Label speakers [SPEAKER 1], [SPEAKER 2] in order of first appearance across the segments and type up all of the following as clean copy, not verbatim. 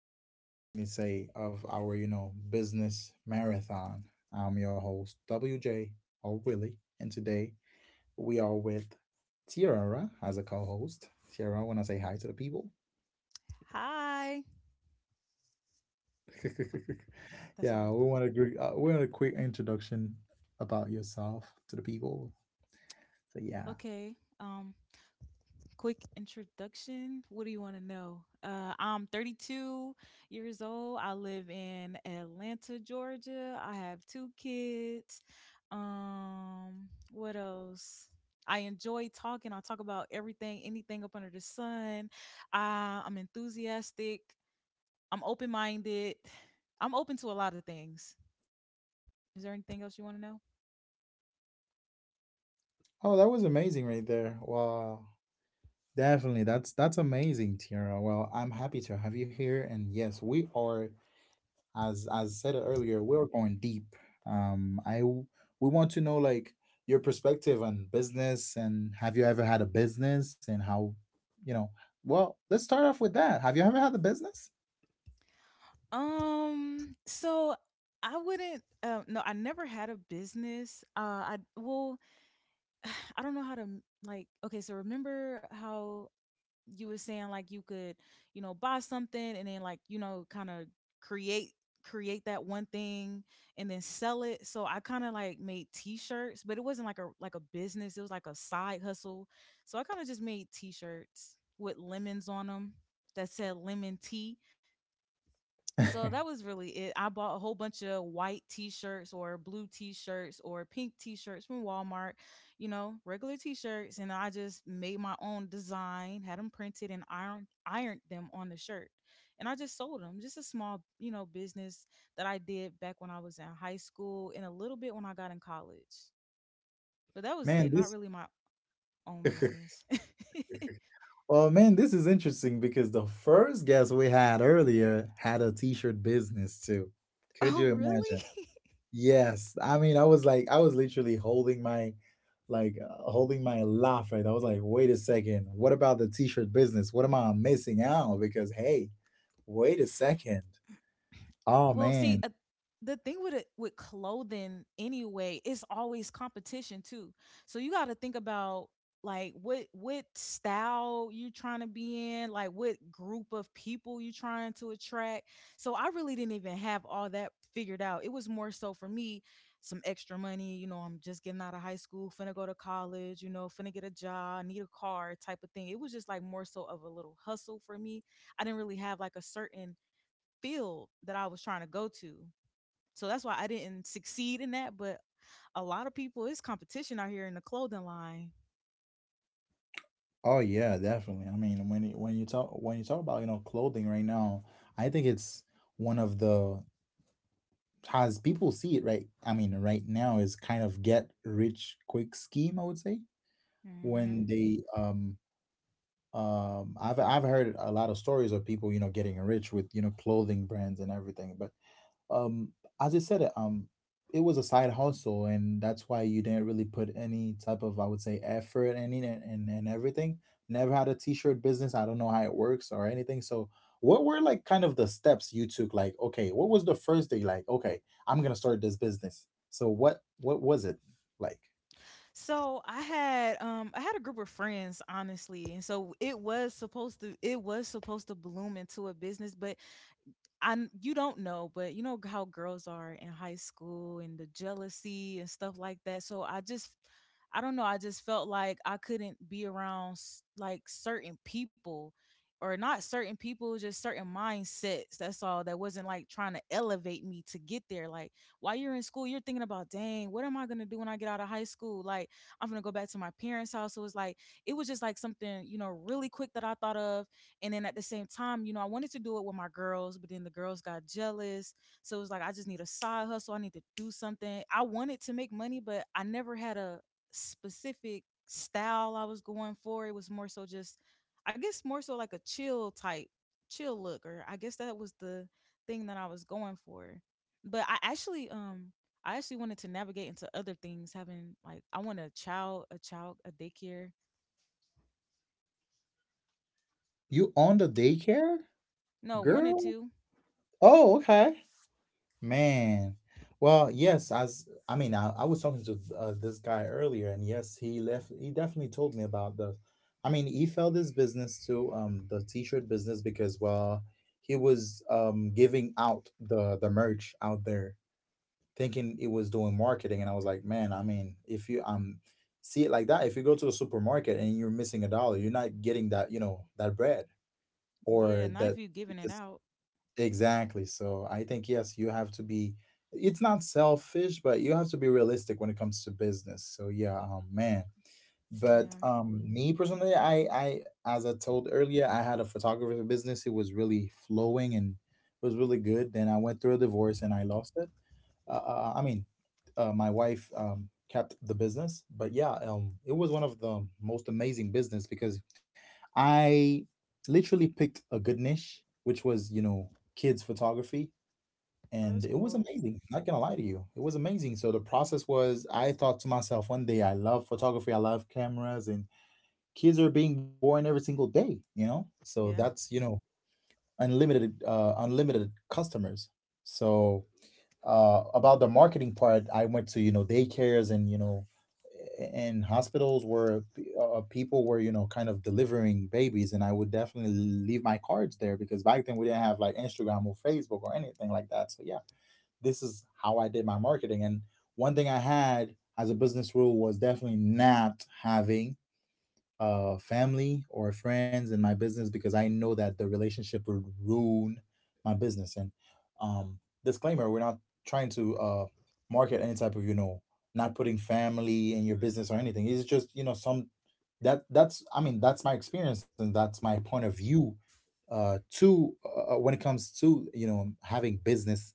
[SPEAKER 1] episode, I would definitely say, of our, business marathon. I'm your host, WJ or Willie, and today we are with Tiara as a co host. Tiara, want to say hi to the people?
[SPEAKER 2] Hi. That's all
[SPEAKER 1] yeah,
[SPEAKER 2] I
[SPEAKER 1] we
[SPEAKER 2] do.
[SPEAKER 1] want to agree. We want a quick introduction about yourself to the people. So, yeah.
[SPEAKER 2] Okay. Quick introduction. What do you want to know? I'm 32 years old. I live in Atlanta, Georgia. I have two kids. What else? I enjoy talking. I talk about everything, anything up under the sun. I'm enthusiastic. I'm open-minded. I'm open to a lot of things. Is there anything else you want to know?
[SPEAKER 1] Oh, that was amazing right there. Wow. Definitely. That's amazing, Tiara. Well, I'm happy to have you here. And yes, we are, as said earlier, we are going deep. Um, I w- we want to know like your perspective on business and have you ever had a business and how, you know, well, let's start off with that. Have you ever had a business?
[SPEAKER 2] So I wouldn't. No, I never had a business. I, well, I don't know how to like, okay, so remember how you were saying like you could, you know, buy something and then, like, you know, kind of create create that one thing and then sell it? So I kind of like made t-shirts, but it wasn't like a business. It was like a side hustle. So I kind of just made t-shirts with lemons on them that said lemon tea, so that was really it. I bought a whole bunch of white t-shirts or blue t-shirts or pink t-shirts from Walmart, you know, regular t-shirts, and I just made my own design, had them printed and ironed them on the shirt. And I just sold them. Just a small, you know, business that I did back when I was in high school and a little bit when I got in college. But that was
[SPEAKER 1] Man,
[SPEAKER 2] it. Not
[SPEAKER 1] this
[SPEAKER 2] really my own business.
[SPEAKER 1] Well, man, this is interesting because the first guest we had earlier had a t-shirt business too. Could
[SPEAKER 2] Oh,
[SPEAKER 1] you imagine?
[SPEAKER 2] really?
[SPEAKER 1] Yes. I mean, I was like, I was literally holding my, like, holding my laugh, right? I was like, wait a second. What about the t-shirt business? What am I missing out? Because, hey, wait a second. Oh,
[SPEAKER 2] Well, see,
[SPEAKER 1] man.
[SPEAKER 2] the thing with it, with clothing anyway, it's always competition too. So you got to think about like what style you trying to be in, like what group of people you trying to attract. So I really didn't even have all that figured out. It was more so for me some extra money. You know, I'm just getting out of high school, finna go to college, you know, finna get a job, need a car type of thing. It was just like more so of a little hustle for me. I didn't really have like a certain field that I was trying to go to. So that's why I didn't succeed in that. But a lot of people, it's competition out here in the clothing line.
[SPEAKER 1] Oh, yeah, definitely. I mean, when you talk about, you know, clothing right now, I think it's one of the as people see it, right? I mean, right now is kind of get rich quick scheme, I would say,
[SPEAKER 2] Mm-hmm.
[SPEAKER 1] when they I've heard a lot of stories of people, you know, getting rich with, you know, clothing brands and everything. But um as you said, it was a side hustle, and that's why you didn't really put any type of, I would say, effort and in it. And everything, never had a t-shirt business. I don't know how it works or anything. So what were like kind of the steps you took? Like, okay, what was the first day like? Okay, I'm gonna start this business. So what was it like?
[SPEAKER 2] I had a group of friends honestly, and so it was supposed to bloom into a business, but I, you don't know, but you know how girls are in high school and the jealousy and stuff like that. So I just, I don't know, I just felt like I couldn't be around like certain people, or not certain people, just certain mindsets. That's all. That wasn't like trying to elevate me to get there. Like while you're in school, you're thinking about, dang, what am I gonna do when I get out of high school? Like, I'm gonna go back to my parents' house. So it's like it was just like something, you know, really quick that I thought of, and then at the same time, you know, I wanted to do it with my girls, but then the girls got jealous. So it was like, I just need a side hustle. I need to do something. I wanted to make money, but I never had a specific style I was going for. It was more so just, I guess, more so like a chill type, chill look, or I guess that was the thing that I was going for. But I actually wanted to navigate into other things, having like I want a child, a daycare.
[SPEAKER 1] You owned a daycare,
[SPEAKER 2] No, wanted
[SPEAKER 1] girl?
[SPEAKER 2] to.
[SPEAKER 1] Oh, okay. Man, well, yes, as I mean, I was talking to this guy earlier, and yes, he left. He definitely told me about the, I mean, he fell this business to the t-shirt business because, well, he was giving out the merch out there, thinking it was doing marketing, and I was like, man, I mean, if you see it like that, if you go to the supermarket and you're missing a dollar, you're not getting that, you know, that bread or
[SPEAKER 2] Yeah, not
[SPEAKER 1] that
[SPEAKER 2] if you giving it out.
[SPEAKER 1] exactly. So I think, yes, you have to be, it's not selfish, but you have to be realistic when it comes to business. So yeah, man. But
[SPEAKER 2] Yeah.
[SPEAKER 1] me personally, as I told earlier, I had a photographer business. It was really flowing and it was really good. Then I went through a divorce and I lost it. I mean, my wife kept the business. But yeah, it was one of the most amazing business because I literally picked a good niche, which was, you know, kids photography.
[SPEAKER 2] Oh,
[SPEAKER 1] And
[SPEAKER 2] that's
[SPEAKER 1] it was
[SPEAKER 2] cool.
[SPEAKER 1] amazing. Not gonna lie to you. It was amazing. So the process was I thought to myself one day, I love photography, I love cameras, and kids are being born every single day, you know? So
[SPEAKER 2] Yeah.
[SPEAKER 1] that's, you know, unlimited unlimited customers. So about the marketing part, I went to, you know, daycares and, you know, and hospitals where people were, you know, kind of delivering babies, and I would definitely leave my cards there because back then we didn't have like Instagram or Facebook or anything like that. So yeah, this is how I did my marketing. And one thing I had as a business rule was definitely not having family or friends in my business because I know that the relationship would ruin my business. And disclaimer: we're not trying to market any type of, you know, not putting family in your business or anything. It's just, you know, some that that's I mean, that's my experience and that's my point of view, to when it comes to, you know, having business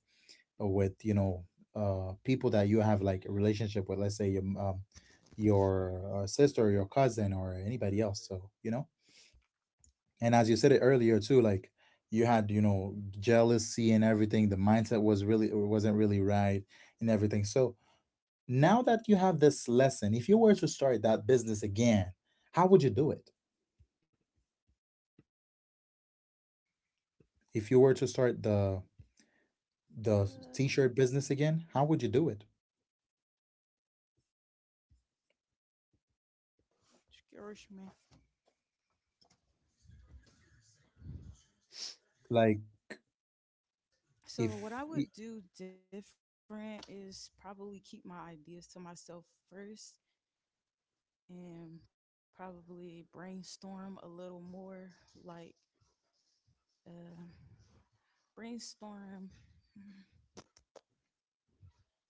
[SPEAKER 1] with, you know, people that you have like a relationship with, let's say your sister or your cousin or anybody else. So, you know, and as you said it earlier too, like you had, you know, jealousy and everything, the mindset was really wasn't really right and everything. So now that you have this lesson, if you were to start that business again, how would you do it? If you were to start the
[SPEAKER 2] Uh,
[SPEAKER 1] t-shirt business again, how would you do it?
[SPEAKER 2] Curious, man.
[SPEAKER 1] Like,
[SPEAKER 2] So what I
[SPEAKER 1] if y-
[SPEAKER 2] would do different is probably keep my ideas to myself first, and probably brainstorm a little more, like uh, brainstorm. Mm,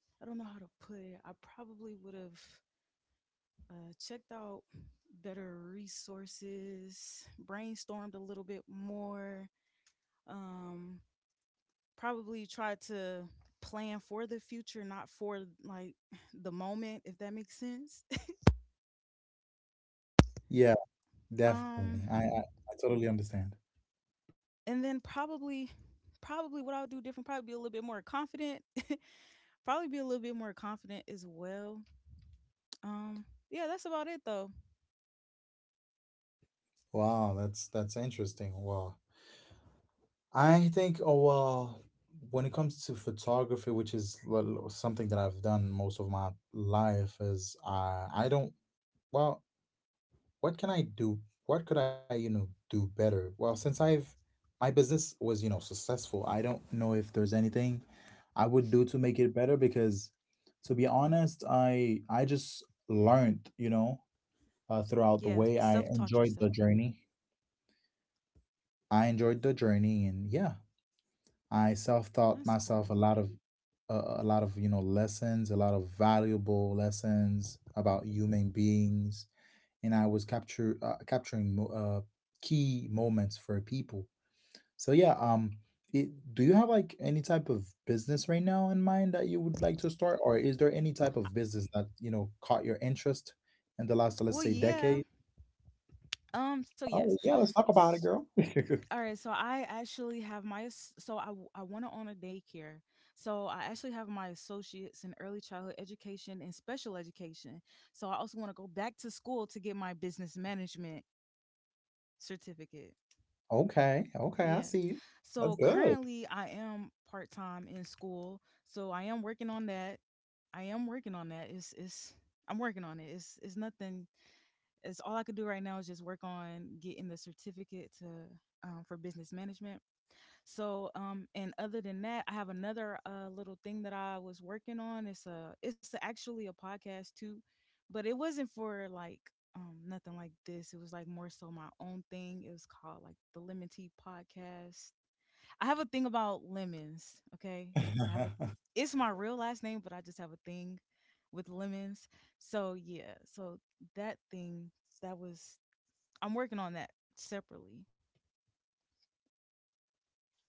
[SPEAKER 2] I don't know how to put it. I probably would have checked out better resources, brainstormed a little bit more, um, probably try to plan for the future, not for like the moment, if that makes sense.
[SPEAKER 1] yeah. Definitely.
[SPEAKER 2] Um,
[SPEAKER 1] I totally understand.
[SPEAKER 2] and then probably what I'll do different, probably be a little bit more confident, probably be a little bit more confident as well. Um, yeah, that's about it though.
[SPEAKER 1] Wow, that's interesting. Wow. I think, oh well, when it comes to photography, which is something that I've done most of my life, is I don't, well, what can I do? What could I, you know, do better? Well, since I've my business was, you know, successful, I don't know if there's anything I would do to make it better because, to be honest, I just learned, you know, throughout the
[SPEAKER 2] Yeah,
[SPEAKER 1] way. I
[SPEAKER 2] self taught
[SPEAKER 1] enjoyed
[SPEAKER 2] yourself.
[SPEAKER 1] the journey. I enjoyed the journey, and yeah, I self-taught
[SPEAKER 2] That's cool.
[SPEAKER 1] myself a lot of a lot of, you know, lessons, a lot of valuable lessons about human beings, and I was capture capturing uh, key moments for people. So yeah, it, do you have like any type of business right now in mind that you would like to start, or is there any type of business that, you know, caught your interest in the last, let's
[SPEAKER 2] Well,
[SPEAKER 1] say, decade?
[SPEAKER 2] yeah. So
[SPEAKER 1] Oh
[SPEAKER 2] yes.
[SPEAKER 1] yeah, let's talk about it, girl.
[SPEAKER 2] All right, so I actually have my so I I want to own a daycare. So I actually have my associates in early childhood education and special education. So I also want to go back to school to get my business management certificate.
[SPEAKER 1] okay, okay, I
[SPEAKER 2] Yeah.
[SPEAKER 1] see you. That's
[SPEAKER 2] So
[SPEAKER 1] good.
[SPEAKER 2] currently I am part-time in school. So I am working on that. I am working on that. It's I'm working on it. It's nothing. It's all I could do right now is just work on getting the certificate to for business management. So, and other than that, I have another little thing that I was working on. It's a actually a podcast too, but it wasn't for like nothing like this. It was like more so my own thing. It was called like the Lemon Tea Podcast. I have a thing about lemons. Okay, I have a, it's my real last name, but I just have a thing with lemons. So yeah, so that thing that was I'm working on that separately.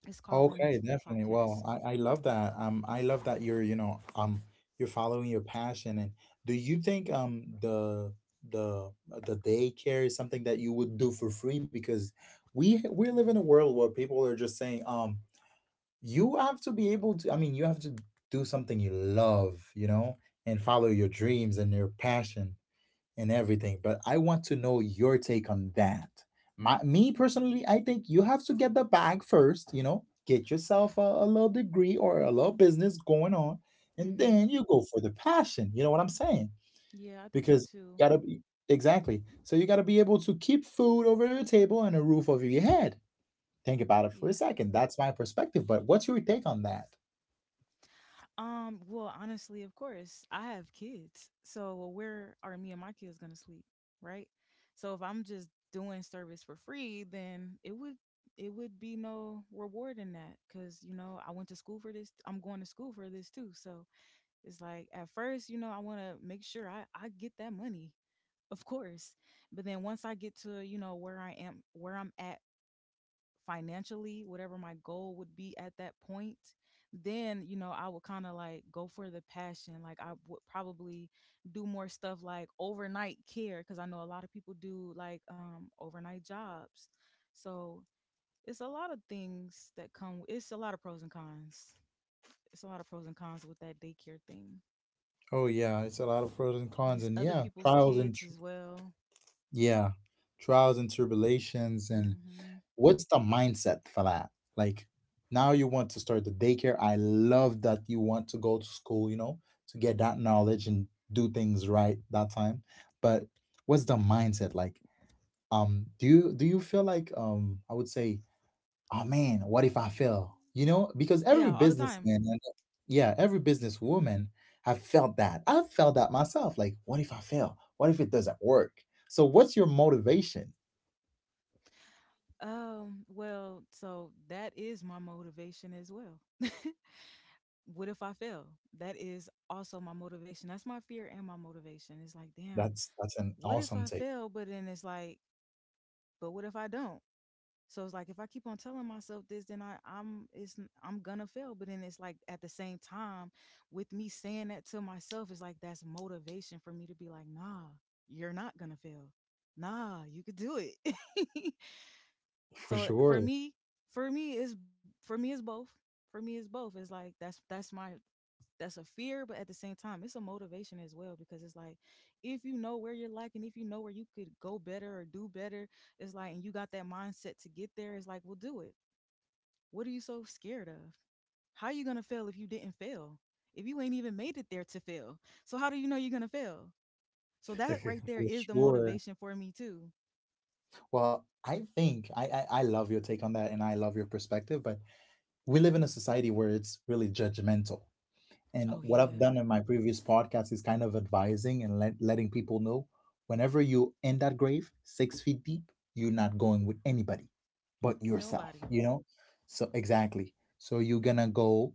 [SPEAKER 2] It's called Lemon Tea
[SPEAKER 1] Okay, definitely.
[SPEAKER 2] Podcast.
[SPEAKER 1] Well, I love that. I love that you're, you know, you're following your passion. And do you think the the the daycare is something that you would do for free? Because we live in a world where people are just saying, you have to be able to. I mean, you have to do something you love, you know, and follow your dreams and your passion and everything. But I want to know your take on that. Me personally, I think you have to get the bag first, you know, get yourself a little degree or a little business going on, and
[SPEAKER 2] Mm-hmm.
[SPEAKER 1] then you go for the passion. You know what I'm saying?
[SPEAKER 2] Yeah, I think so
[SPEAKER 1] Because
[SPEAKER 2] too.
[SPEAKER 1] you gotta be exactly. So you gotta be able to keep food over your table and a roof over your head. Think about it for a
[SPEAKER 2] Yeah.
[SPEAKER 1] second. That's my perspective. But what's your take on that?
[SPEAKER 2] Well, honestly, of course, I have kids. So, well, where are me and my kids gonna sleep? Right? So if I'm just doing service for free, then it would be no reward in that, because you know, I went to school for this, I'm going to school for this too. So it's like, at first, you know, I want to make sure I get that money, of course. But then once I get to, you know, where I am, where I'm at financially, whatever my goal would be at that point, then, you know, I would kind of like go for the passion. Like, I would probably do more stuff like overnight care, because I know a lot of people do like overnight jobs. So it's a lot of things that come, it's a lot of pros and cons with that daycare thing.
[SPEAKER 1] Oh yeah, it's a lot of pros and cons,
[SPEAKER 2] Yes,
[SPEAKER 1] and
[SPEAKER 2] other
[SPEAKER 1] yeah,
[SPEAKER 2] people's kids as well.
[SPEAKER 1] yeah, trials and tribulations, and
[SPEAKER 2] Hmm.
[SPEAKER 1] what's the mindset for that? Like, now you want to start the daycare. I love that you want to go to school, you know, to get that knowledge and do things right that time. But what's the mindset like? Do you feel like, I would say, oh man, what if I fail? You know, because every
[SPEAKER 2] Yeah, all the time.
[SPEAKER 1] businessman and yeah, every businesswoman have felt that. I've felt that myself. Like, what if I fail? What if it doesn't work? So, what's your motivation?
[SPEAKER 2] Well, so that is my motivation as well. What if I fail? That is also my motivation. That's my fear and my motivation. It's like, damn,
[SPEAKER 1] That's an
[SPEAKER 2] what if
[SPEAKER 1] awesome
[SPEAKER 2] I
[SPEAKER 1] take
[SPEAKER 2] fail? But then it's like, but what if I don't? So it's like if I keep on telling myself this, then I, I'm it's I'm gonna fail. But then it's like at the same time, with me saying that to myself, it's like that's motivation for me to be like, nah, you're not gonna fail. Nah, you could do it.
[SPEAKER 1] for
[SPEAKER 2] so
[SPEAKER 1] sure.
[SPEAKER 2] for me is both. For me is both. It's like that's my, that's a fear, but at the same time, it's a motivation as well, because it's like if you know where you're lacking, if you know where you could go better or do better, it's like, and you got that mindset to get there, it's like, well, do it. What are you so scared of? How are you gonna fail if you didn't fail? If you ain't even made it there to fail, so how do you know you're gonna fail? So that right there
[SPEAKER 1] For
[SPEAKER 2] is the
[SPEAKER 1] sure.
[SPEAKER 2] motivation for me too.
[SPEAKER 1] Well, I think I love your take on that, and I love your perspective. But we live in a society where it's really judgmental,
[SPEAKER 2] Oh
[SPEAKER 1] and what I've
[SPEAKER 2] yeah,
[SPEAKER 1] done in my previous podcast is kind of advising and letting people know whenever you in that grave, 6 feet deep, you're not going with anybody but yourself,
[SPEAKER 2] nobody.
[SPEAKER 1] you know? So, exactly. So, you're gonna go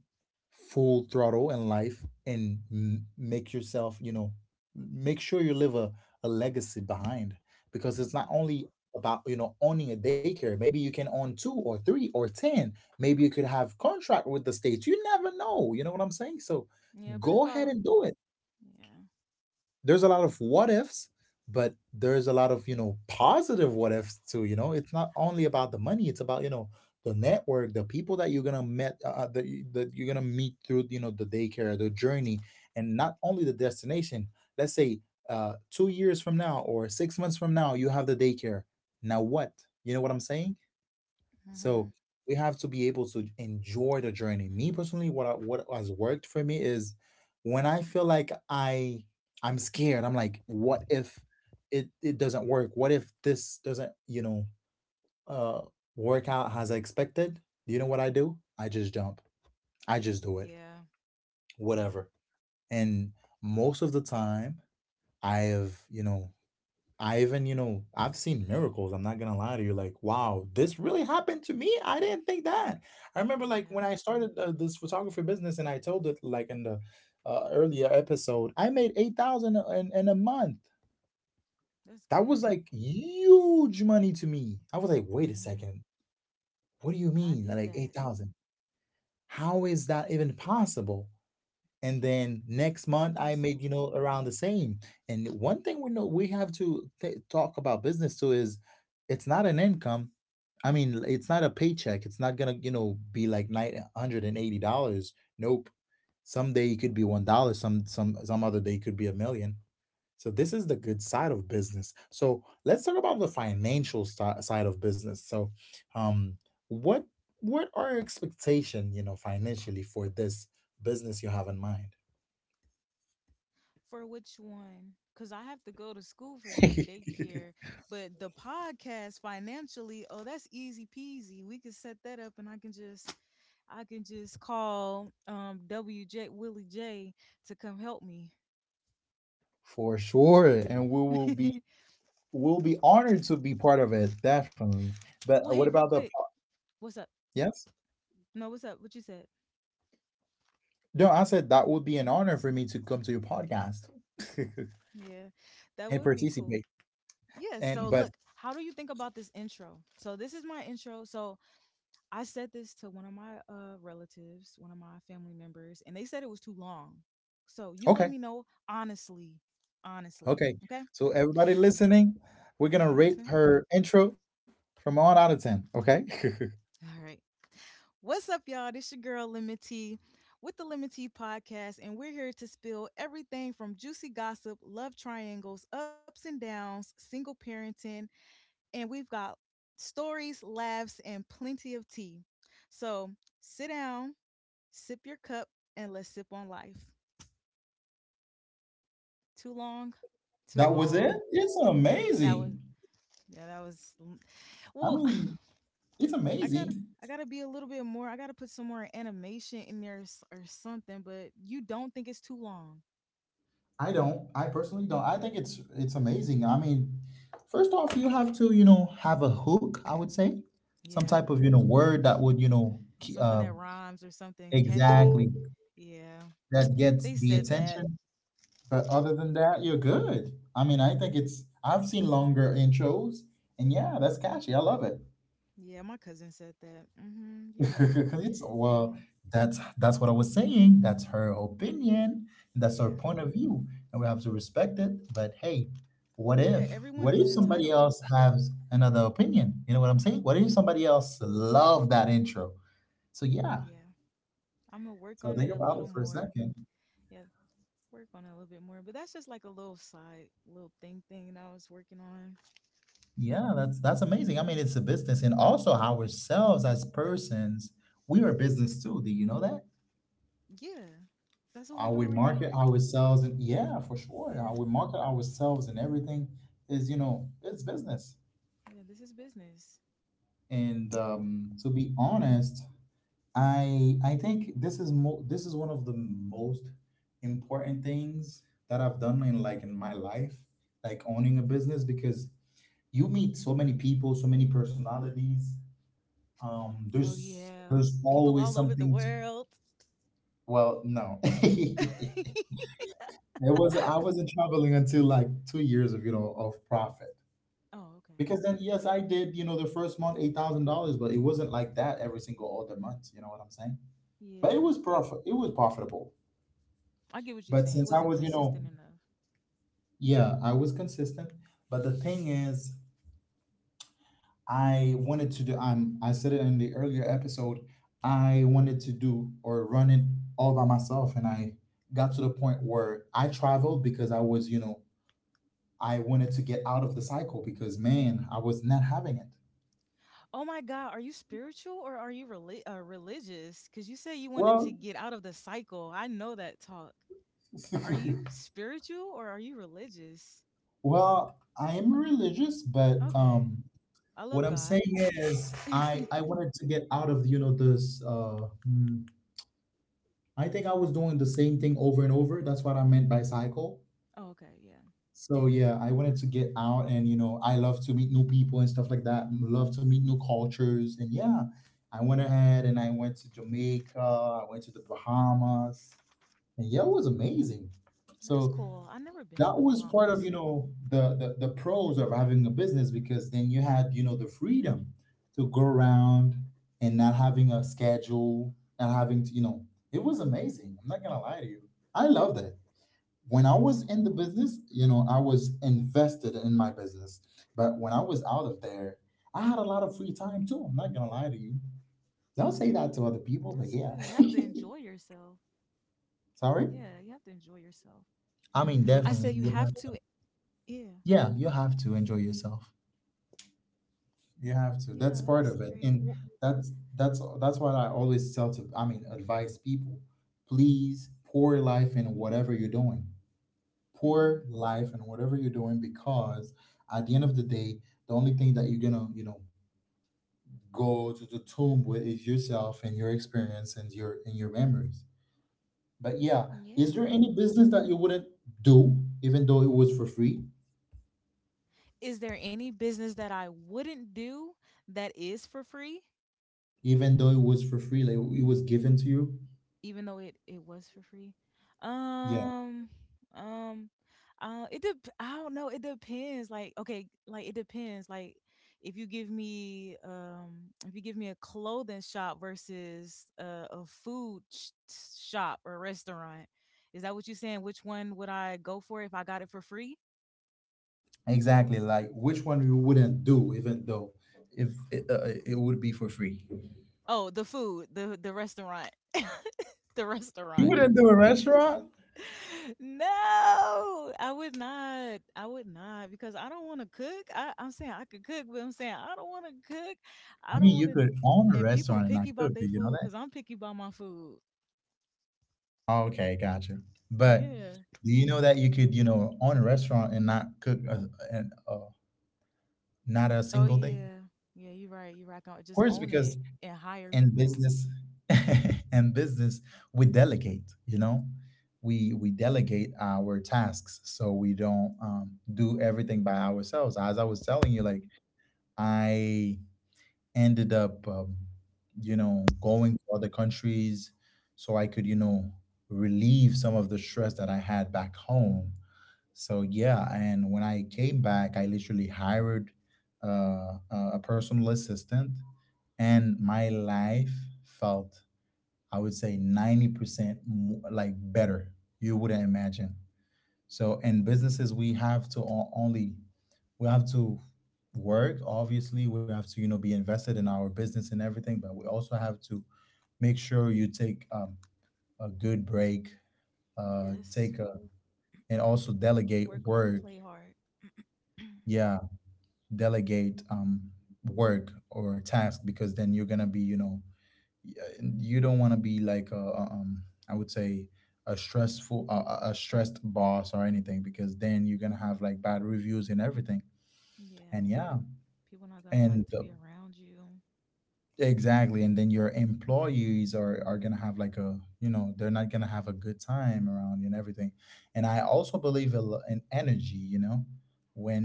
[SPEAKER 1] full throttle in life and make yourself, you know, make sure you leave a legacy behind because it's not
[SPEAKER 2] Yeah,
[SPEAKER 1] only about, you know, owning a daycare. Maybe you can own two or three or 10, maybe you could have contract with the states, you never know, you know what I'm saying? So
[SPEAKER 2] yeah, but it's
[SPEAKER 1] go ahead
[SPEAKER 2] about,
[SPEAKER 1] and do it.
[SPEAKER 2] yeah.
[SPEAKER 1] There's a lot of what ifs, but there's a lot of, you know, positive what ifs too. You know, it's not only about the money, it's about, you know, the network, the people that you're gonna met that, that you're gonna meet through, you know, the daycare, the journey, and not only the destination. Let's say 2 years from now or 6 months from now, you have the daycare. Now what? You know what I'm saying?
[SPEAKER 2] Hmm.
[SPEAKER 1] So we have to be able to enjoy the journey. Me personally, what I, what has worked for me is when I feel like I'm scared. I'm like, what if it doesn't work? What if this doesn't uh work out as I expected? You know what I do? I just jump. I just do it.
[SPEAKER 2] Yeah, yeah,
[SPEAKER 1] Whatever. And most of the time, I have I even, I've seen miracles. I'm not gonna lie to you. Like, wow, this really happened to me. I didn't think that. I remember, like,
[SPEAKER 2] yeah.
[SPEAKER 1] when I started this photography business, and I told it, like, in the earlier episode, I made 8,000 in a month.
[SPEAKER 2] That's
[SPEAKER 1] That was
[SPEAKER 2] good.
[SPEAKER 1] like huge money to me. I was like, wait a
[SPEAKER 2] Mm-hmm.
[SPEAKER 1] second, what do you
[SPEAKER 2] I
[SPEAKER 1] mean?
[SPEAKER 2] did
[SPEAKER 1] Like eight
[SPEAKER 2] that.
[SPEAKER 1] thousand? How is that even possible? And then next
[SPEAKER 2] It's
[SPEAKER 1] month I made
[SPEAKER 2] possible.
[SPEAKER 1] around the same. And one thing we know we have to talk about business too is it's not an income. I mean, it's not a paycheck. It's not gonna be like $980. Nope, some day it could be $1, some other day it could be a million. So this is the good side of business. So let's talk about the financial side of business. So, um, what what are your expectation, financially for this business you have in mind?
[SPEAKER 2] For which one? Because I have to go to school for the daycare, but the podcast financially, oh, that's easy peasy. We can set that up, and I can just call WJ, Willie J, to come help me.
[SPEAKER 1] For sure, and we'll be honored to be part of it, definitely.
[SPEAKER 2] Well,
[SPEAKER 1] But
[SPEAKER 2] hey,
[SPEAKER 1] what
[SPEAKER 2] real
[SPEAKER 1] about the
[SPEAKER 2] quick, what's up?
[SPEAKER 1] yes?
[SPEAKER 2] No, what's up? What you said?
[SPEAKER 1] No, I said that would be an honor for me to come to your podcast
[SPEAKER 2] Yeah, that
[SPEAKER 1] and
[SPEAKER 2] would be cool.
[SPEAKER 1] participate.
[SPEAKER 2] Yeah. So,
[SPEAKER 1] And but
[SPEAKER 2] look, how do you think about this intro? So, this is my intro. So, I said this to one of my relatives, one of my family members, and they said it was too long. So you let
[SPEAKER 1] Okay,
[SPEAKER 2] me know honestly, honestly.
[SPEAKER 1] okay.
[SPEAKER 2] Okay?
[SPEAKER 1] So everybody listening, we're gonna
[SPEAKER 2] Everybody
[SPEAKER 1] rate
[SPEAKER 2] listening?
[SPEAKER 1] her intro from one out of ten. Okay.
[SPEAKER 2] All right. What's up, y'all? This your girl, Lemon T, with the Lemon T podcast, and we're here to spill everything from juicy gossip, love triangles, ups and downs, single parenting, and we've got stories, laughs, and plenty of tea. So sit down, sip your cup, and let's sip on life. Too long? Too
[SPEAKER 1] That was it.
[SPEAKER 2] long.
[SPEAKER 1] It's
[SPEAKER 2] That was
[SPEAKER 1] amazing.
[SPEAKER 2] yeah, that was mm,
[SPEAKER 1] I
[SPEAKER 2] well,
[SPEAKER 1] mean, it's
[SPEAKER 2] I gotta,
[SPEAKER 1] amazing.
[SPEAKER 2] I gotta be a little bit more. I gotta put some more animation in there, or something. But you don't think it's too long?
[SPEAKER 1] I don't. I personally don't. I think it's amazing. I mean, first off, you have to have a hook. I would say some
[SPEAKER 2] Yeah,
[SPEAKER 1] type of word that would
[SPEAKER 2] something that rhymes or something catchy.
[SPEAKER 1] exactly
[SPEAKER 2] Yeah,
[SPEAKER 1] that gets
[SPEAKER 2] they
[SPEAKER 1] the
[SPEAKER 2] said that.
[SPEAKER 1] attention. But other than that, you're good. I mean, I think it's. I've seen longer intros, and yeah, that's catchy. I love it.
[SPEAKER 2] Yeah, my cousin said that. Mm-hmm. You're right.
[SPEAKER 1] It's well,
[SPEAKER 2] Yeah,
[SPEAKER 1] that's what I was saying. That's her opinion, that's her
[SPEAKER 2] yeah,
[SPEAKER 1] point of view, and we have to respect it. But hey, what
[SPEAKER 2] yeah.
[SPEAKER 1] if, what
[SPEAKER 2] Everyone
[SPEAKER 1] if
[SPEAKER 2] is
[SPEAKER 1] somebody
[SPEAKER 2] entitled.
[SPEAKER 1] else has another opinion? You know what I'm saying? What if somebody else love that intro? So yeah.
[SPEAKER 2] Yeah, I'm gonna work
[SPEAKER 1] So
[SPEAKER 2] on it
[SPEAKER 1] think
[SPEAKER 2] a
[SPEAKER 1] about
[SPEAKER 2] little
[SPEAKER 1] it for a
[SPEAKER 2] more.
[SPEAKER 1] second.
[SPEAKER 2] Yeah, work on it a little bit more. But that's just like a little side, little thing that I was working on.
[SPEAKER 1] Yeah, that's amazing. I mean, it's a business, and also ourselves as persons, we are business too. Do you know that?
[SPEAKER 2] Yeah, that's what we're
[SPEAKER 1] How
[SPEAKER 2] doing
[SPEAKER 1] we
[SPEAKER 2] right now,
[SPEAKER 1] market
[SPEAKER 2] right?
[SPEAKER 1] ourselves, and yeah, for sure,
[SPEAKER 2] Yeah,
[SPEAKER 1] how we market ourselves and everything is, it's business.
[SPEAKER 2] yeah. This is business.
[SPEAKER 1] And to be honest, I think this is this is one of the most important things that I've done in like in my life, like owning a business, because you meet so many people, so many personalities.
[SPEAKER 2] Oh
[SPEAKER 1] There's
[SPEAKER 2] yeah,
[SPEAKER 1] there's
[SPEAKER 2] people all
[SPEAKER 1] always
[SPEAKER 2] over the
[SPEAKER 1] something to,
[SPEAKER 2] world.
[SPEAKER 1] well no.
[SPEAKER 2] oh,
[SPEAKER 1] It was, I wasn't traveling until like 2 years of of profit,
[SPEAKER 2] okay.
[SPEAKER 1] because then yes I did the first month $8,000, but it wasn't like that every single other month. You know what I'm saying? But
[SPEAKER 2] Yeah,
[SPEAKER 1] it was profit, it was profitable.
[SPEAKER 2] I get what you're
[SPEAKER 1] But
[SPEAKER 2] saying. It
[SPEAKER 1] since I
[SPEAKER 2] wasn't
[SPEAKER 1] was
[SPEAKER 2] consistent enough.
[SPEAKER 1] yeah, I was consistent. But the thing is, I wanted to do, I said it in the earlier episode, I wanted to do or run it all by myself. And I got to the point where I traveled because I was I wanted to get out of the cycle, because man, I was not having it.
[SPEAKER 2] Oh my God, are you spiritual or are you religious? Because you said you wanted to
[SPEAKER 1] Well,
[SPEAKER 2] get out of the cycle. I know that talk. Are you spiritual or are you religious?
[SPEAKER 1] well, I am religious, but
[SPEAKER 2] Okay, I
[SPEAKER 1] what
[SPEAKER 2] love
[SPEAKER 1] I'm
[SPEAKER 2] God.
[SPEAKER 1] saying is,
[SPEAKER 2] oh,
[SPEAKER 1] I wanted to get out of this. I think I was doing the same thing over and over. That's what I meant by cycle.
[SPEAKER 2] okay, yeah,
[SPEAKER 1] So yeah, I wanted to get out, and you know, I love to meet new people and stuff like that. Love to meet new cultures, and yeah, I went ahead and I went to Jamaica. I went to the Bahamas, and yeah, it was amazing.
[SPEAKER 2] that's
[SPEAKER 1] So
[SPEAKER 2] cool. I've never been to
[SPEAKER 1] that
[SPEAKER 2] the
[SPEAKER 1] was part of
[SPEAKER 2] Bahamas.
[SPEAKER 1] the the pros of having a business, because then you had the freedom to go around, and not having a schedule, not having to it was amazing. I'm not gonna lie to you, I loved it. When I
[SPEAKER 2] That's
[SPEAKER 1] was in the
[SPEAKER 2] cool.
[SPEAKER 1] business, you know, I was invested in my business. But when I was out of there, I had a lot of free time too. I'm not gonna lie to you, don't say that to other
[SPEAKER 2] That's good.
[SPEAKER 1] people,
[SPEAKER 2] You
[SPEAKER 1] but
[SPEAKER 2] have to
[SPEAKER 1] yeah.
[SPEAKER 2] enjoy yourself. Yeah, you
[SPEAKER 1] Sorry,
[SPEAKER 2] have to enjoy yourself.
[SPEAKER 1] I
[SPEAKER 2] I
[SPEAKER 1] mean,
[SPEAKER 2] said you
[SPEAKER 1] definitely
[SPEAKER 2] have
[SPEAKER 1] you
[SPEAKER 2] to.
[SPEAKER 1] have to.
[SPEAKER 2] Yeah,
[SPEAKER 1] Yeah, you have to enjoy yourself. You have to.
[SPEAKER 2] yeah,
[SPEAKER 1] That's
[SPEAKER 2] that's
[SPEAKER 1] part of it,
[SPEAKER 2] great. Well,
[SPEAKER 1] and that's what I always tell to. I mean, advise people: please pour life in whatever you're doing.
[SPEAKER 2] hmm,
[SPEAKER 1] Pour life in whatever you're doing, because at the end of the day, the only thing that you're gonna go to the tomb with is yourself and your experience and your memories. But yeah, is
[SPEAKER 2] yeah.
[SPEAKER 1] there any business that you wouldn't do, even though it was for free,
[SPEAKER 2] Is there any business that I wouldn't do that is for free?
[SPEAKER 1] even though it was for free, like it was given to you?
[SPEAKER 2] Even though it was for free. um um it dep I don't know, it depends, like, okay, like, it depends, like, if you give me if you give me a clothing shop versus a shop or restaurant? Is that what you're saying, which one would I go for if I got it for free?
[SPEAKER 1] Exactly, like which one you wouldn't do, even though if it, it would be for free.
[SPEAKER 2] Oh, the food, the restaurant. the
[SPEAKER 1] You
[SPEAKER 2] restaurant.
[SPEAKER 1] wouldn't do a restaurant?
[SPEAKER 2] No, I would not. I would not because I don't want to cook. I'm saying I could cook, but I'm saying I don't want to cook.
[SPEAKER 1] I mean,
[SPEAKER 2] I
[SPEAKER 1] you
[SPEAKER 2] don't
[SPEAKER 1] could
[SPEAKER 2] want to.
[SPEAKER 1] own a
[SPEAKER 2] And
[SPEAKER 1] restaurant and
[SPEAKER 2] people
[SPEAKER 1] not
[SPEAKER 2] picky
[SPEAKER 1] cook. Did
[SPEAKER 2] about
[SPEAKER 1] you
[SPEAKER 2] their
[SPEAKER 1] know that?
[SPEAKER 2] food because I'm picky about my food.
[SPEAKER 1] Okay, gotcha. But
[SPEAKER 2] Yeah.
[SPEAKER 1] do you know that you could, you know, own a restaurant and not cook a, and not a
[SPEAKER 2] Oh
[SPEAKER 1] single day?
[SPEAKER 2] yeah. Yeah. You're right. You're right.
[SPEAKER 1] Of
[SPEAKER 2] Just
[SPEAKER 1] course,
[SPEAKER 2] own
[SPEAKER 1] because
[SPEAKER 2] it and hire
[SPEAKER 1] in
[SPEAKER 2] people.
[SPEAKER 1] business, in business, we delegate. You know, we delegate our tasks, so we don't do everything by ourselves. As I was telling you, like I ended up, you know, going to other countries so I could, you know, relieve some of the stress that I had back home. So yeah, and when I came back, I literally hired a personal assistant, and my life felt, I would say, 90% like better. You wouldn't imagine. So in businesses, we have to only, we have to work. Obviously, we have to be invested in our business and everything, but we also have to make sure you take a good break. Uh, take
[SPEAKER 2] Yes.
[SPEAKER 1] a, and also delegate
[SPEAKER 2] Work hard,
[SPEAKER 1] work.
[SPEAKER 2] play hard.
[SPEAKER 1] Yeah, delegate work or task, because then you're gonna be y- you don't want to be like I would say a stressful a stressed boss or anything, because then you're gonna have like bad reviews and everything.
[SPEAKER 2] Yeah.
[SPEAKER 1] And yeah,
[SPEAKER 2] People not gonna like
[SPEAKER 1] and
[SPEAKER 2] to be around you.
[SPEAKER 1] exactly. And then your employees are gonna have like a, you know, they're not gonna have a good time around you and everything. And I also believe in energy, you know.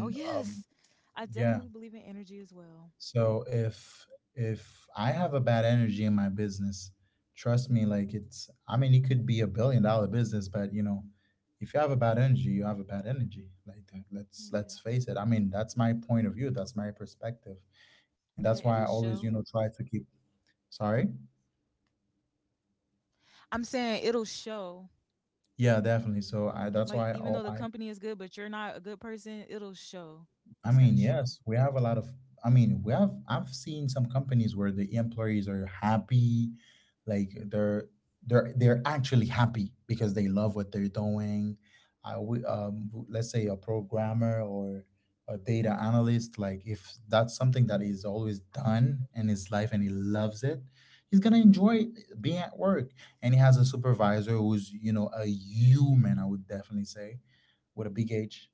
[SPEAKER 2] Oh yes. I
[SPEAKER 1] yeah.
[SPEAKER 2] definitely believe in energy as well.
[SPEAKER 1] So if I have a bad energy in my business, trust me, like it's, I mean it could be a billion dollar business, but you know, if you have a bad energy, you have a bad energy. Like that. let's
[SPEAKER 2] Yeah.
[SPEAKER 1] let's face it. I mean, that's my point of view, that's my perspective. And
[SPEAKER 2] Yeah.
[SPEAKER 1] that's why
[SPEAKER 2] It'll
[SPEAKER 1] I always, you
[SPEAKER 2] show.
[SPEAKER 1] know, try to keep sorry.
[SPEAKER 2] I'm saying it'll show.
[SPEAKER 1] Yeah, definitely. So
[SPEAKER 2] Like
[SPEAKER 1] I
[SPEAKER 2] even though
[SPEAKER 1] that's
[SPEAKER 2] the
[SPEAKER 1] why
[SPEAKER 2] company is
[SPEAKER 1] I
[SPEAKER 2] good, but you're not a good person, it'll show. It's
[SPEAKER 1] I
[SPEAKER 2] gonna
[SPEAKER 1] mean,
[SPEAKER 2] show.
[SPEAKER 1] yes, we have a lot of. I mean, we have. I've seen some companies where the employees are happy, like they're, they're actually happy because they love what they're doing. I we let's say a programmer or a data analyst, like if that's something that is always done in his life and he loves it, he's gonna enjoy being at work. And he has a supervisor who's, you know, a human. I would definitely say with a big H.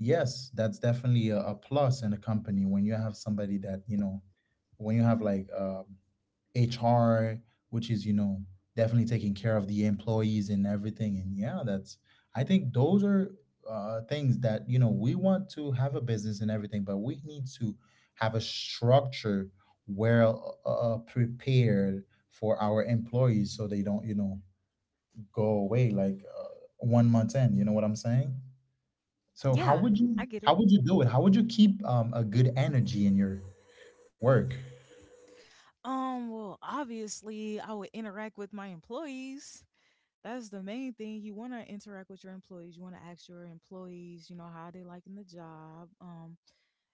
[SPEAKER 1] Yes, that's definitely a plus in a company when you have somebody that, you know, when you have like HR, which is, you know, definitely taking care of the employees and everything. And yeah, that's, I think those are things that, you know, we want to have a business and everything, but we need to have a structure well prepared for our employees so they don't, you know, go away like 1 month in. You know what I'm saying? So
[SPEAKER 2] Yeah, I get it.
[SPEAKER 1] how would you do it? How would you keep a good energy in your work?
[SPEAKER 2] Well, obviously, I would interact with my employees. That's the main thing. You want to interact with your employees. You want to ask your employees, you know, how they liking the job.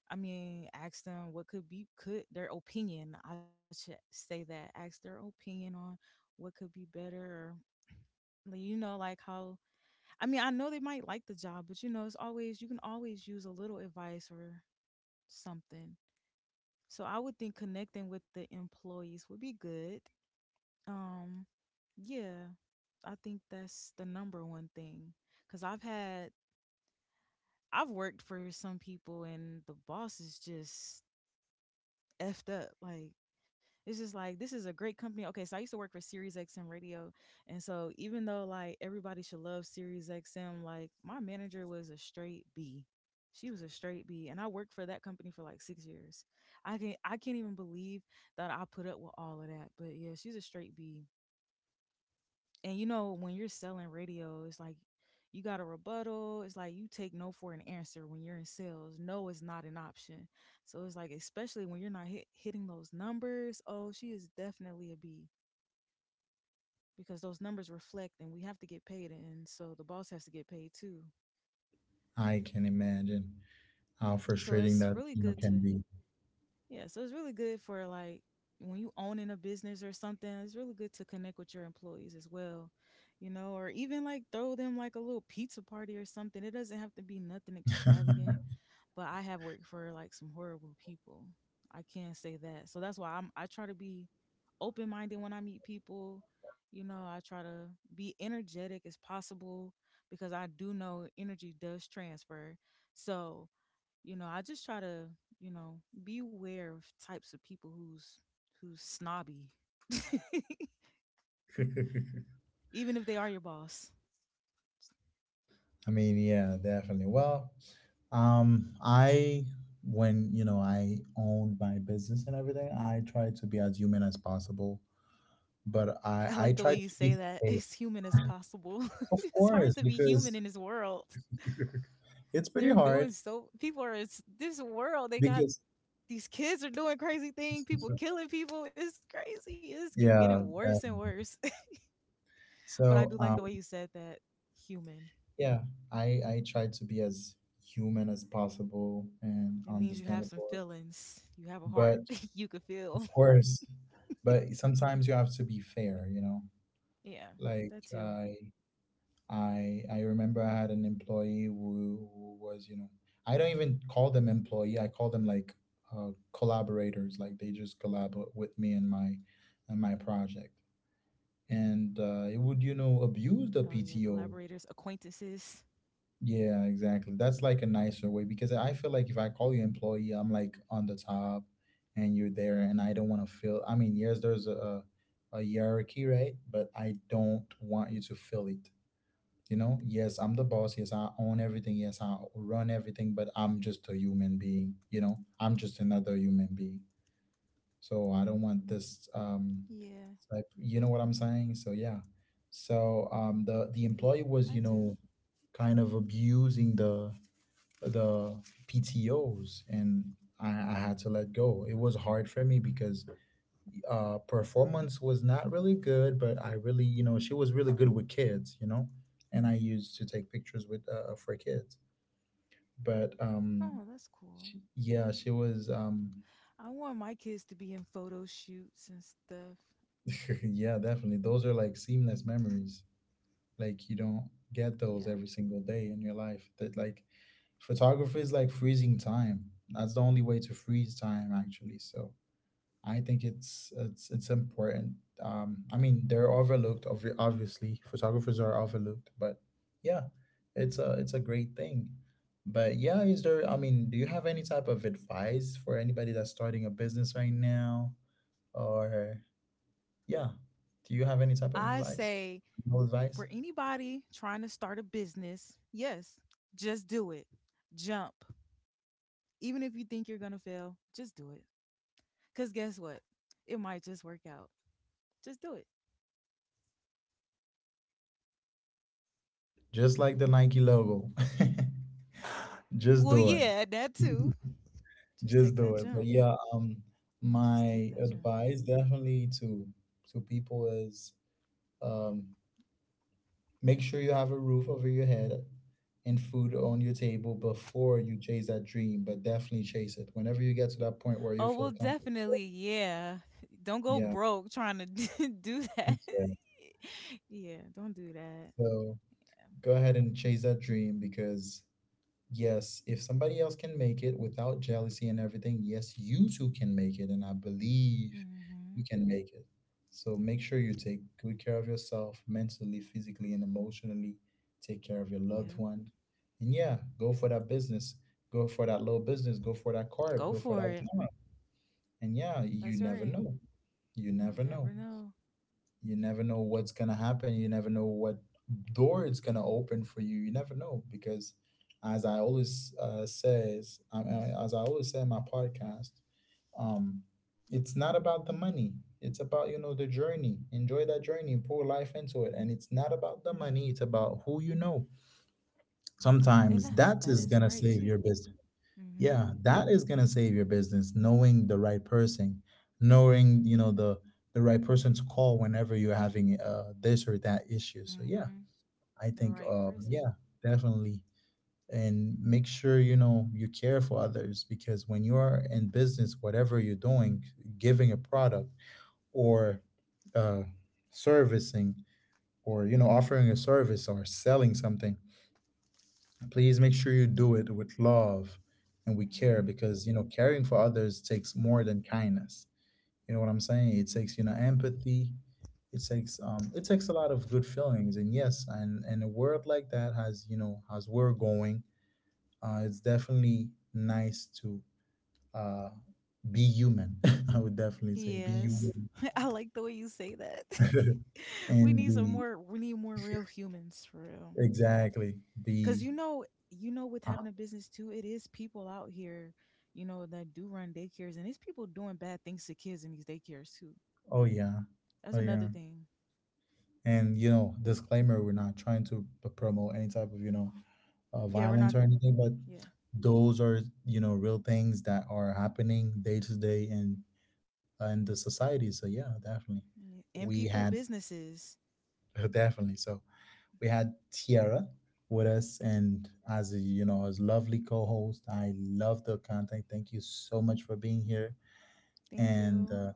[SPEAKER 2] I mean, ask them what could be could their opinion. I should say that. Ask their opinion on what could be better, or, like, you know, like, how, I mean, I know they might like the job, but you know, it's always you can always use a little advice or something. So I would think connecting with the employees would be good. Um yeah, I think that's the number one thing, cuz I've had, I've worked for some people and the boss is just effed up. Like, it's just like, this is a great company. Okay, so I used to work for Sirius XM Radio, and so even though like everybody should love Sirius XM, like my manager was a straight B. She was a straight B, and I worked for that company for like 6 years. I can't even believe that I put up with all of that. But yeah, she's a straight B, and you know when you're selling radio, it's like you got a rebuttal, it's like you take no for an answer. When you're in sales, no is not an option. So it's like, especially when you're not hitting those numbers, oh she is definitely a B, because those numbers reflect and we have to get paid, and so the boss has to get paid too.
[SPEAKER 1] I can imagine how
[SPEAKER 2] So
[SPEAKER 1] frustrating
[SPEAKER 2] it's
[SPEAKER 1] that
[SPEAKER 2] really
[SPEAKER 1] you know
[SPEAKER 2] good
[SPEAKER 1] can
[SPEAKER 2] to,
[SPEAKER 1] be.
[SPEAKER 2] yeah, so it's really good for like when you own in a business or something, it's really good to connect with your employees as well, you know, or even like throw them like a little pizza party or something. It doesn't have to be nothing extravagant, but I have worked for like some horrible people. I can't say that. So that's why I try to be open-minded when I meet people. You know, I try to be energetic as possible because I do know energy does transfer. So you know I just try to, you know, be aware of types of people who's snobby, even if they are your boss.
[SPEAKER 1] I mean, yeah, definitely. Well, I when you know I owned my business and everything, I tried to be as human as possible, but
[SPEAKER 2] I
[SPEAKER 1] I
[SPEAKER 2] like the way
[SPEAKER 1] tried
[SPEAKER 2] you
[SPEAKER 1] to
[SPEAKER 2] say
[SPEAKER 1] be
[SPEAKER 2] that,
[SPEAKER 1] fair,
[SPEAKER 2] as human as possible.
[SPEAKER 1] of
[SPEAKER 2] it's hard
[SPEAKER 1] course,
[SPEAKER 2] to be human
[SPEAKER 1] because
[SPEAKER 2] in this world.
[SPEAKER 1] it's pretty
[SPEAKER 2] They're
[SPEAKER 1] hard
[SPEAKER 2] doing, so people are, it's this world, they got,
[SPEAKER 1] because
[SPEAKER 2] these kids are doing crazy things, people killing people, it's crazy, it's keep getting
[SPEAKER 1] yeah,
[SPEAKER 2] worse and
[SPEAKER 1] definitely.
[SPEAKER 2] worse. but I do
[SPEAKER 1] So
[SPEAKER 2] like the
[SPEAKER 1] um.
[SPEAKER 2] way you said that. Human.
[SPEAKER 1] Yeah, I try to be as human as possible and
[SPEAKER 2] It means you have some
[SPEAKER 1] understandable,
[SPEAKER 2] feelings, you have a heart,
[SPEAKER 1] but
[SPEAKER 2] you could feel.
[SPEAKER 1] of course, but sometimes you have to be fair, you know.
[SPEAKER 2] yeah,
[SPEAKER 1] Like
[SPEAKER 2] that too.
[SPEAKER 1] I remember I had an employee who was, you know, I don't even call them employee. I call them like collaborators. Like they just collaborate with me and my project, and
[SPEAKER 2] Oh
[SPEAKER 1] it
[SPEAKER 2] yeah,
[SPEAKER 1] would, you know,
[SPEAKER 2] collaborators,
[SPEAKER 1] abuse the
[SPEAKER 2] acquaintances.
[SPEAKER 1] PTO. Yeah, exactly. That's like a nicer way because I feel like if I call you employee, I'm like on the top and you're there and I don't want to feel, I mean, yes, there's a hierarchy, right? But I don't want you to feel it. You know? Yes, I'm the boss. Yes, I own everything. Yes, I run everything, but I'm just a human being, you know? I'm just another human being. So I don't want this
[SPEAKER 2] Yeah,
[SPEAKER 1] like you know what I'm saying? So yeah. So the
[SPEAKER 2] I
[SPEAKER 1] employee
[SPEAKER 2] do.
[SPEAKER 1] was, you know, kind of abusing the the PTOs, and I had to let go. It was hard for me because performance was not really good, but I really, you know, she was really good with kids, you know, and I used to take pictures with for kids. But
[SPEAKER 2] Oh, that's cool.
[SPEAKER 1] yeah, she was
[SPEAKER 2] I want my kids to be in photo shoots and stuff.
[SPEAKER 1] yeah, definitely. Those are like seamless memories. Like you don't
[SPEAKER 2] Yeah.
[SPEAKER 1] get those every single day in your life. That, like, photography is like freezing time. That's the only way to freeze time actually. So I think it's important. I mean, they're overlooked. Obviously, photographers are overlooked, but yeah, it's a great thing. But yeah, is there? I mean, do you have any type of advice for anybody that's starting a business right now, or yeah,
[SPEAKER 2] I
[SPEAKER 1] do you have any type
[SPEAKER 2] say
[SPEAKER 1] of advice?
[SPEAKER 2] for
[SPEAKER 1] No advice?
[SPEAKER 2] anybody trying to start a business, yes, just do it. Jump. Even if you think you're going to fail, just do it. Because guess what? It might just work out. Just do it.
[SPEAKER 1] Just like the Nike logo,
[SPEAKER 2] Well,
[SPEAKER 1] just do it.
[SPEAKER 2] yeah, that too. Just take
[SPEAKER 1] Just
[SPEAKER 2] that
[SPEAKER 1] do it.
[SPEAKER 2] jump.
[SPEAKER 1] But yeah,
[SPEAKER 2] Just take that
[SPEAKER 1] my
[SPEAKER 2] jump.
[SPEAKER 1] advice definitely to people is um, make sure you have a roof over your head and food on your table before you chase that dream. But definitely chase it whenever you get to that point where you
[SPEAKER 2] Oh, well,
[SPEAKER 1] feel comfortable.
[SPEAKER 2] definitely, yeah. Don't go
[SPEAKER 1] Yeah,
[SPEAKER 2] broke trying to do that.
[SPEAKER 1] yeah.
[SPEAKER 2] Yeah, don't do that.
[SPEAKER 1] So go ahead and chase that dream, because yes, if somebody else can make it without jealousy and everything, yes, you too can make it. And I believe you
[SPEAKER 2] Mhm,
[SPEAKER 1] can make it. So make sure you take good care of yourself mentally, physically, and emotionally. Take care of your loved
[SPEAKER 2] yep.
[SPEAKER 1] one. And yeah, go for that business. Go for that little business. Go for that car.
[SPEAKER 2] Go
[SPEAKER 1] Go for
[SPEAKER 2] for
[SPEAKER 1] that
[SPEAKER 2] it.
[SPEAKER 1] job. And yeah, you
[SPEAKER 2] That's
[SPEAKER 1] never
[SPEAKER 2] right.
[SPEAKER 1] know. You
[SPEAKER 2] You
[SPEAKER 1] never know,
[SPEAKER 2] never know.
[SPEAKER 1] you never know what's gonna happen, you never know what door it's gonna open for you, you never know, because as I always says, I mean, as I always say in my podcast, um it's not about the money, it's about, you know, the journey. Enjoy that journey and pour life into it. And it's not about the money, it's about who you know.
[SPEAKER 2] And
[SPEAKER 1] Sometimes
[SPEAKER 2] that's,
[SPEAKER 1] that
[SPEAKER 2] that
[SPEAKER 1] is
[SPEAKER 2] is
[SPEAKER 1] gonna
[SPEAKER 2] right
[SPEAKER 1] save your
[SPEAKER 2] too.
[SPEAKER 1] business.
[SPEAKER 2] Mm.
[SPEAKER 1] Yeah, that is gonna save your business, knowing the right person, knowing, you know, the right person to call whenever you're having this or that issue.
[SPEAKER 2] Mhm,
[SPEAKER 1] So
[SPEAKER 2] mm,
[SPEAKER 1] yeah,
[SPEAKER 2] mhm.
[SPEAKER 1] I
[SPEAKER 2] The
[SPEAKER 1] think
[SPEAKER 2] right person.
[SPEAKER 1] yeah, definitely. And make sure you know you care for others, because when you're in business, whatever you're doing, giving a product or uh servicing, or you know, offering a service or selling something, please make sure you do it with love and we care,
[SPEAKER 2] Mm. Mhm.
[SPEAKER 1] because you know, caring for others takes more than kindness. You know what I'm saying, it takes, you know, empathy. It takes it takes a lot of good feelings. And yes, and a world like that has, you know, as we're going, it's definitely nice to uh be human. I would definitely say be
[SPEAKER 2] Yes.
[SPEAKER 1] human.
[SPEAKER 2] I like the way you say that. We
[SPEAKER 1] and
[SPEAKER 2] need some
[SPEAKER 1] be
[SPEAKER 2] more, we need more real humans for real.
[SPEAKER 1] exactly,
[SPEAKER 2] Cause
[SPEAKER 1] be
[SPEAKER 2] you know, with
[SPEAKER 1] uh,
[SPEAKER 2] having a business too, it is people out here, you know, that do run daycares, and it's people doing bad things to kids in these daycares too.
[SPEAKER 1] oh yeah.
[SPEAKER 2] That's
[SPEAKER 1] Oh
[SPEAKER 2] another
[SPEAKER 1] yeah.
[SPEAKER 2] thing.
[SPEAKER 1] And you know, disclaimer: we're not trying to promote any type of, you know,
[SPEAKER 2] Yeah, we're
[SPEAKER 1] violence
[SPEAKER 2] not.
[SPEAKER 1] or anything, but
[SPEAKER 2] Yeah,
[SPEAKER 1] those are, you know, real things that are happening day to day in the society. So yeah, definitely
[SPEAKER 2] yeah. And
[SPEAKER 1] we
[SPEAKER 2] people
[SPEAKER 1] had
[SPEAKER 2] businesses.
[SPEAKER 1] definitely, so we had Tiara with us, and as a, you know, as lovely co-host, I love the content, thank you so much for being here.
[SPEAKER 2] Thank
[SPEAKER 1] And
[SPEAKER 2] you.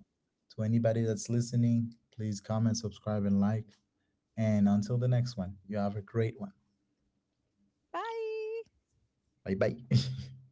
[SPEAKER 1] to anybody that's listening, please comment, subscribe, and like. And until the next one, you have a great one.
[SPEAKER 2] Bye.
[SPEAKER 1] Bye bye.